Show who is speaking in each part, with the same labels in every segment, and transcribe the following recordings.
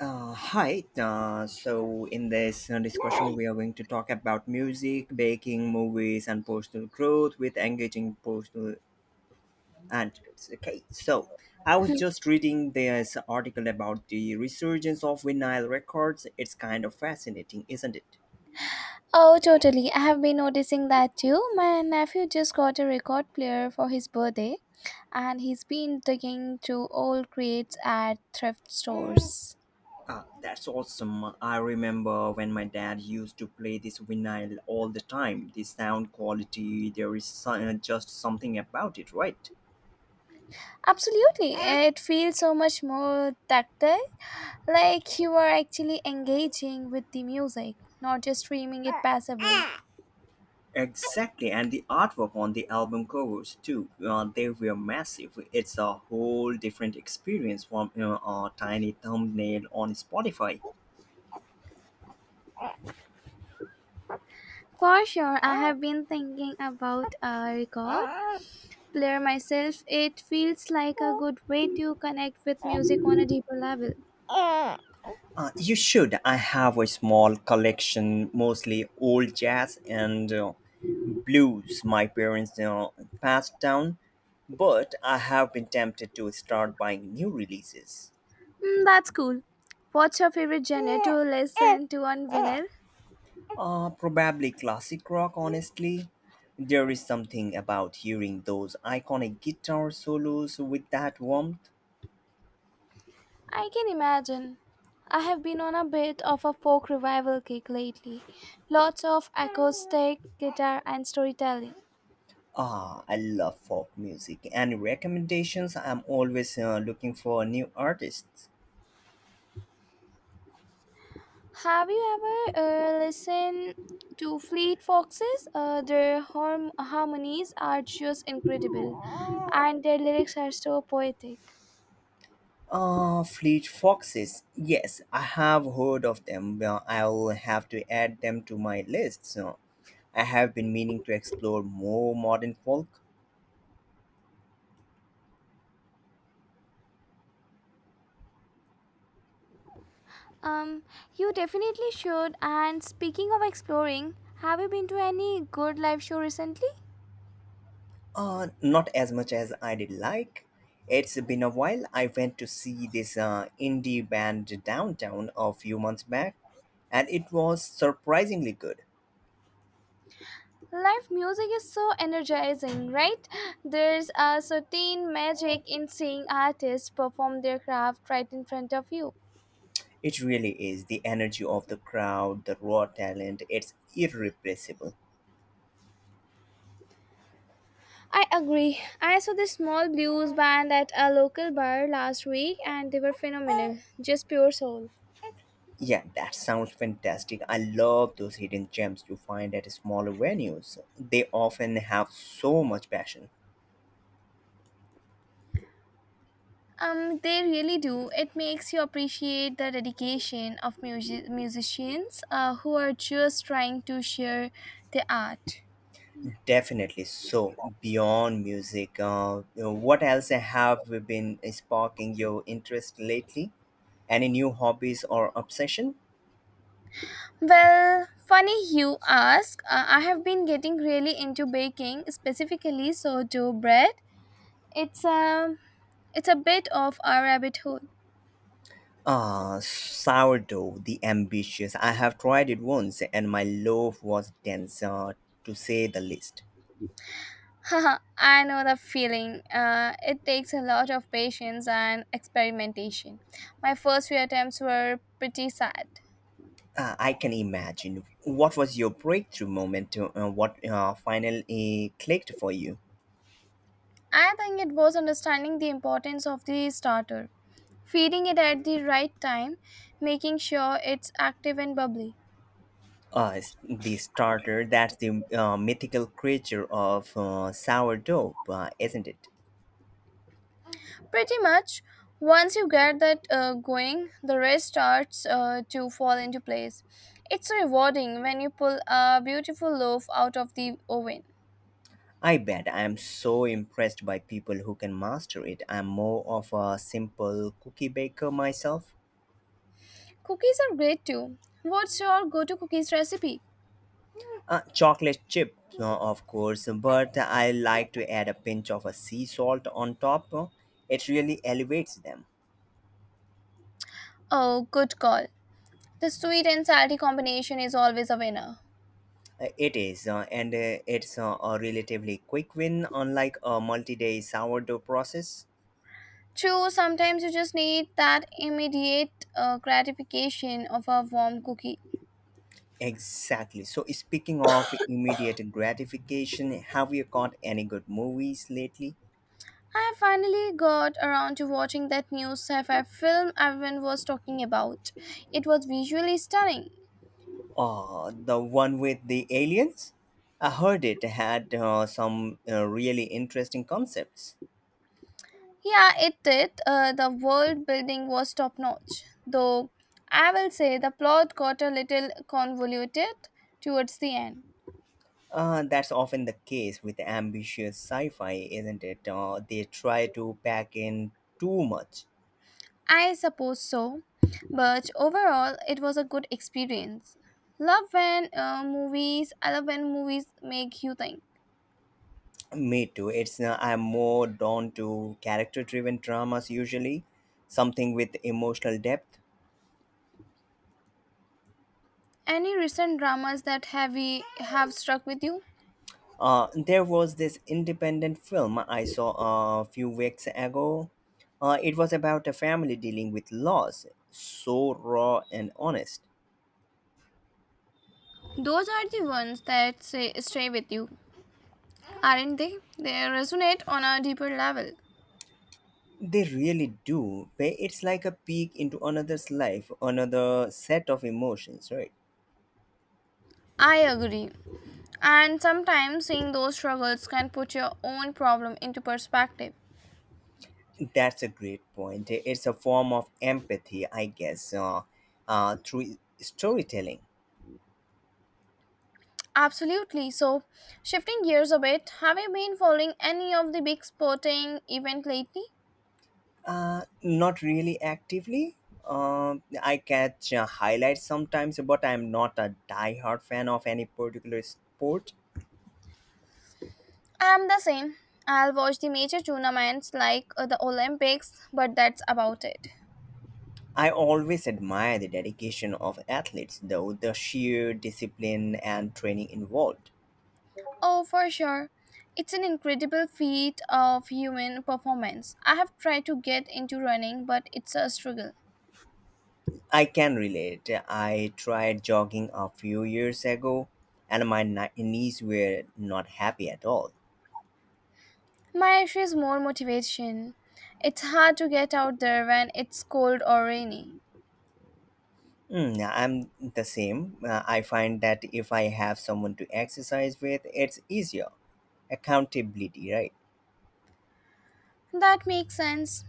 Speaker 1: Hi. In this discussion, we are going to talk about music, baking, movies, and personal growth with engaging personal anecdotes. Okay. So, I was just reading this article about the resurgence of vinyl records. It's kind of fascinating, isn't it?
Speaker 2: Oh, totally. I have been noticing that too. My nephew just got a record player for his birthday, and he's been digging through old crates at thrift stores.
Speaker 1: Ah, that's awesome. I remember when my dad used to play this vinyl all the time. The sound quality, there is just something about it, right?
Speaker 2: Absolutely. It feels so much more tactile, like you are actually engaging with the music, not just streaming it passively.
Speaker 1: Exactly, and the artwork on the album covers too. They were massive. It's a whole different experience from a tiny thumbnail on Spotify.
Speaker 2: For sure, I have been thinking about a record player myself. It feels like a good way to connect with music on a deeper level.
Speaker 1: You should. I have a small collection, mostly old jazz and blues my parents, passed down, but I have been tempted to start buying new releases.
Speaker 2: Mm, that's cool. What's your favorite genre to listen to on vinyl?
Speaker 1: Probably classic rock, honestly. There is something about hearing those iconic guitar solos with that warmth.
Speaker 2: I can imagine. I have been on a bit of a folk revival kick lately. Lots of acoustic guitar and storytelling.
Speaker 1: Ah, I love folk music. Any recommendations? I'm always looking for new artists.
Speaker 2: Have you ever listened to Fleet Foxes? Their harmonies are just incredible, and their lyrics are so poetic.
Speaker 1: Fleet Foxes. Yes, I have heard of them. Well, I'll have to add them to my list. So I have been meaning to explore more modern folk.
Speaker 2: Um, you definitely should. And speaking of exploring, have you been to any good live show recently?
Speaker 1: Not as much as I did like. It's been a while. I went to see this indie band downtown a few months back, and it was surprisingly good.
Speaker 2: Live music is so energizing, right? There's a certain magic in seeing artists perform their craft right in front of you.
Speaker 1: It really is. The energy of the crowd, the raw talent, it's irrepressible.
Speaker 2: I agree. I saw this small blues band at a local bar last week and they were phenomenal. Just pure soul.
Speaker 1: Yeah, that sounds fantastic. I love those hidden gems you find at smaller venues. They often have so much passion.
Speaker 2: They really do. It makes you appreciate the dedication of musicians who are just trying to share the art.
Speaker 1: Definitely. So, beyond music, what else have we been sparking your interest lately? Any new hobbies or obsession?
Speaker 2: Well, funny you ask. I have been getting really into baking, specifically sourdough bread. It's a it's a bit of a rabbit hole.
Speaker 1: Ah, sourdough, the ambitious. I have tried it once and my loaf was dense, to say the least.
Speaker 2: Haha, I know the feeling. It takes a lot of patience and experimentation. My first few attempts were pretty sad.
Speaker 1: I can imagine. What was your breakthrough moment? What finally clicked for you?
Speaker 2: I think it was understanding the importance of the starter, feeding it at the right time, making sure it's active and bubbly.
Speaker 1: The starter. That's the mythical creature of sourdough, isn't it?
Speaker 2: Pretty much. Once you get that going, the rest starts to fall into place. It's rewarding when you pull a beautiful loaf out of the oven.
Speaker 1: I bet I am so impressed by people who can master it. I'm more of a simple cookie baker myself.
Speaker 2: Cookies are great too. What's your go to cookies recipe?
Speaker 1: Chocolate chip, of course, but I like to add a pinch of a sea salt on top. It really elevates them.
Speaker 2: Oh, good call. The sweet and salty combination is always a winner.
Speaker 1: It is, and it's a relatively quick win, unlike a multi day sourdough process.
Speaker 2: True, sometimes you just need that immediate gratification of a warm cookie.
Speaker 1: Exactly. So, speaking of immediate gratification, have you caught any good movies lately?
Speaker 2: I finally got around to watching that new sci fi film everyone was talking about. It was visually stunning.
Speaker 1: The one with the aliens? I heard it had some really interesting concepts.
Speaker 2: Yeah, it did. The world building was top notch. Though I will say the plot got a little convoluted towards the end.
Speaker 1: That's often the case with ambitious sci fi, isn't it? They try to pack in too much.
Speaker 2: I suppose so. But overall, it was a good experience. I love when movies make you think.
Speaker 1: Me too. It's I'm more drawn to character driven dramas usually, something with emotional depth.
Speaker 2: Any recent dramas that have struck with you?
Speaker 1: There was this independent film I saw a few weeks ago. It was about a family dealing with loss, so raw and honest.
Speaker 2: Those are the ones that stay with you, aren't they? They resonate on a deeper level.
Speaker 1: They really do. But it's like a peek into another's life, another set of emotions, right?
Speaker 2: I agree. And sometimes seeing those struggles can put your own problem into perspective.
Speaker 1: That's a great point. It's a form of empathy, I guess, through storytelling.
Speaker 2: Absolutely. So, shifting gears a bit, have you been following any of the big sporting event lately?
Speaker 1: Not really actively. I catch highlights sometimes, but I'm not a diehard fan of any particular sport.
Speaker 2: I'm the same. I'll watch the major tournaments like the Olympics, but that's about it.
Speaker 1: I always admire the dedication of athletes, though, the sheer discipline and training involved.
Speaker 2: Oh, for sure. It's an incredible feat of human performance. I have tried to get into running, but it's a struggle.
Speaker 1: I can relate. I tried jogging a few years ago, and my knees were not happy at all.
Speaker 2: My issue is more motivation. It's hard to get out there when it's cold or rainy.
Speaker 1: Mm, yeah, I'm the same. I find that if I have someone to exercise with, it's easier. Accountability, right?
Speaker 2: That makes sense.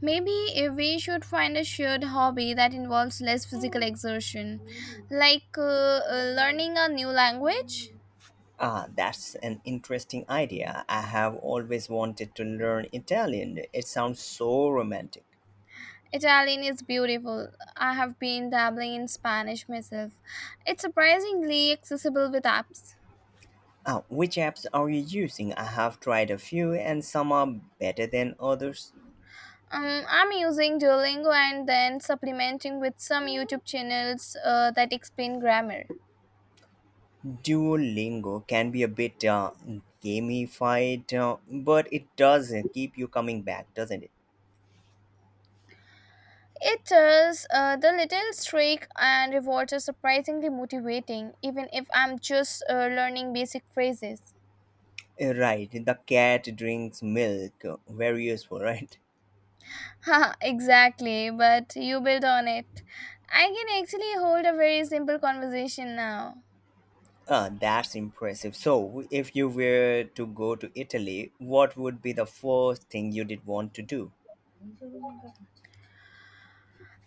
Speaker 2: Maybe if we should find a shared hobby that involves less physical exertion, like learning a new language.
Speaker 1: Ah, that's an interesting idea. I have always wanted to learn Italian. It sounds so romantic.
Speaker 2: Italian is beautiful. I have been dabbling in Spanish myself. It's surprisingly accessible with apps.
Speaker 1: Ah, which apps are you using? I have tried a few and some are better than others.
Speaker 2: I'm using Duolingo and then supplementing with some YouTube channels that explain grammar.
Speaker 1: Duolingo can be a bit gamified, but it does keep you coming back, doesn't it?
Speaker 2: It does the little streak and rewards are surprisingly motivating, even if I'm just learning basic phrases.
Speaker 1: Right, the cat drinks milk. Very useful, right?
Speaker 2: Haha, exactly, but you build on it. I can actually hold a very simple conversation now.
Speaker 1: Ah, that's impressive. So, if you were to go to Italy, what would be the first thing you did want to do?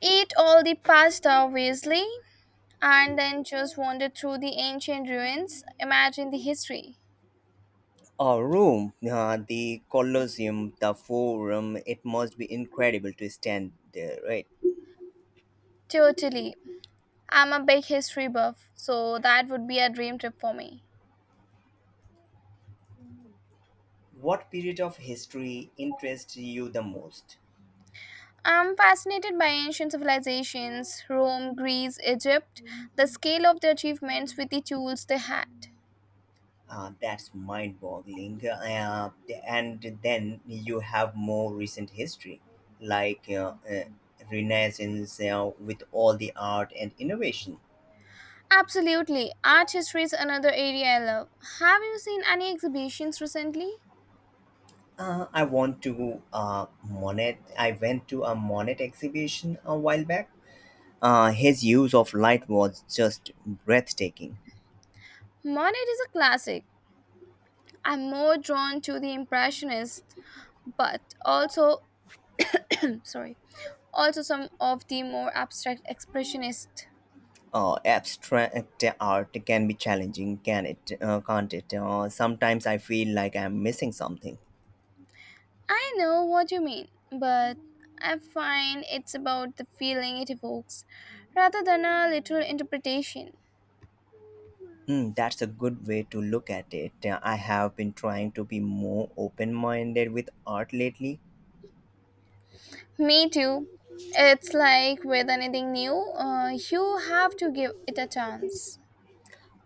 Speaker 2: Eat all the pasta, obviously, and then just wander through the ancient ruins. Imagine the history.
Speaker 1: Oh, Rome, the Colosseum, the Forum. It must be incredible to stand there, right?
Speaker 2: Totally. I'm a big history buff, so that would be a dream trip for me.
Speaker 1: What period of history interests you the most?
Speaker 2: I'm fascinated by ancient civilizations Rome, Greece, Egypt, the scale of their achievements with the tools they had.
Speaker 1: That's mind-boggling. And then you have more recent history, like Renaissance with all the art and innovation.
Speaker 2: Absolutely. Art history is another area I love. Have you seen any exhibitions recently?
Speaker 1: I want to Monet. I went to a Monet exhibition a while back. His use of light was just breathtaking.
Speaker 2: Monet is a classic. I'm more drawn to the Impressionists, but also sorry also some of the more abstract expressionist.
Speaker 1: Abstract art can be challenging, can't it? Sometimes I feel like I'm missing something.
Speaker 2: I know what you mean, but I find it's about the feeling it evokes rather than a literal interpretation.
Speaker 1: Mm, that's a good way to look at it. I have been trying to be more open minded with art lately.
Speaker 2: Me too. It's like with anything new, you have to give it a chance.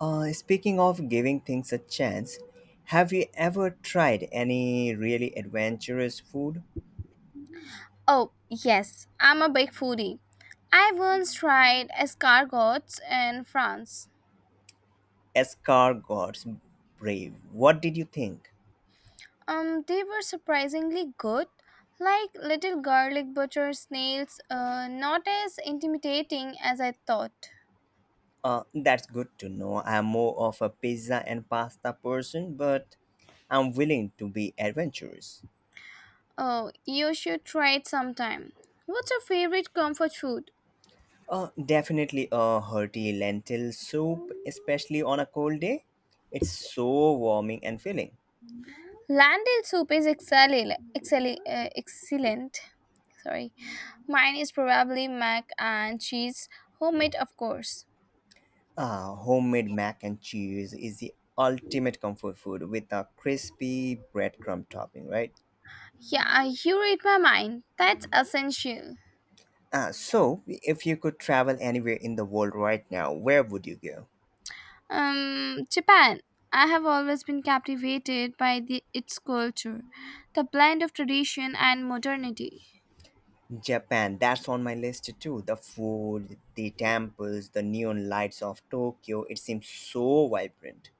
Speaker 1: Speaking of giving things a chance, have you ever tried any really adventurous food?
Speaker 2: Oh yes, I'm a big foodie. I once tried escargots in France.
Speaker 1: Escargots, brave. What did you think?
Speaker 2: They were surprisingly good, like little garlic butter snails, not as intimidating as I thought.
Speaker 1: That's good to know. I'm more of a pizza and pasta person, but I'm willing to be adventurous.
Speaker 2: Oh, you should try it sometime. What's your favorite comfort food?
Speaker 1: Definitely a hearty lentil soup, especially on a cold day. It's so warming and filling.
Speaker 2: Landil soup is excellent. Sorry, mine is probably mac and cheese, homemade, of course.
Speaker 1: Ah, homemade mac and cheese is the ultimate comfort food with a crispy breadcrumb topping, right?
Speaker 2: Yeah, you read my mind. That's essential.
Speaker 1: Ah, so, if you could travel anywhere in the world right now, where would you go?
Speaker 2: Japan. I have always been captivated by its culture, the blend of tradition and modernity.
Speaker 1: Japan, that's on my list too. The food, the temples, the neon lights of Tokyo, it seems so vibrant.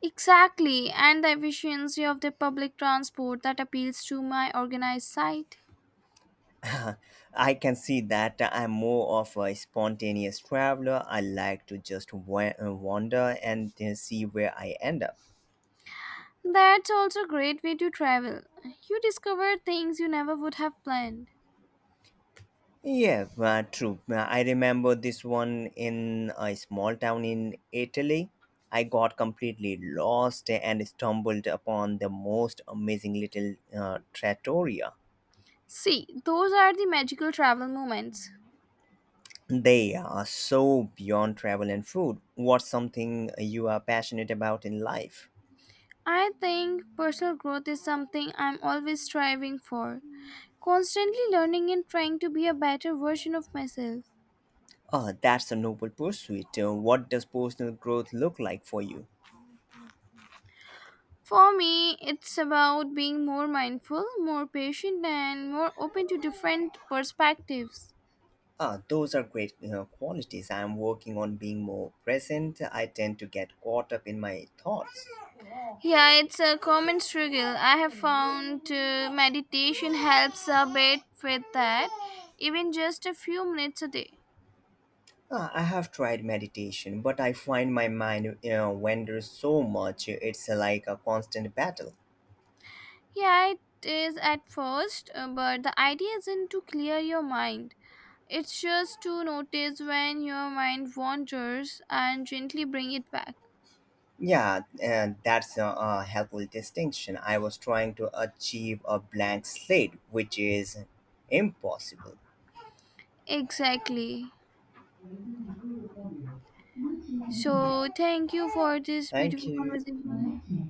Speaker 2: Exactly, and the efficiency of the public transport that appeals to my organized side.
Speaker 1: I can see that I'm more of a spontaneous traveler. I like to just wander and see where I end up.
Speaker 2: That's also a great way to travel. You discover things you never would have planned.
Speaker 1: Yeah, true. I remember this one in a small town in Italy. I got completely lost and stumbled upon the most amazing little trattoria.
Speaker 2: See, those are the magical travel moments.
Speaker 1: They are so beyond travel and food. What's something you are passionate about in life?
Speaker 2: I think personal growth is something I'm always striving for, constantly learning and trying to be a better version of myself.
Speaker 1: Ah, that's a noble pursuit. What does personal growth look like for you?
Speaker 2: For me, it's about being more mindful, more patient, and more open to different perspectives.
Speaker 1: Ah, those are great qualities. I am working on being more present. I tend to get caught up in my thoughts.
Speaker 2: Yeah, it's a common struggle. I have found meditation helps a bit with that, even just a few minutes a day.
Speaker 1: Ah, I have tried meditation, but I find my mind wanders so much. It's like a constant battle.
Speaker 2: Yeah, it is at first, but the idea isn't to clear your mind. It's just to notice when your mind wanders and gently bring it back.
Speaker 1: Yeah, and that's a helpful distinction. I was trying to achieve a blank slate, which is impossible.
Speaker 2: Exactly. So, thank you for this
Speaker 1: Thank
Speaker 2: beautiful
Speaker 1: you.
Speaker 2: conversation.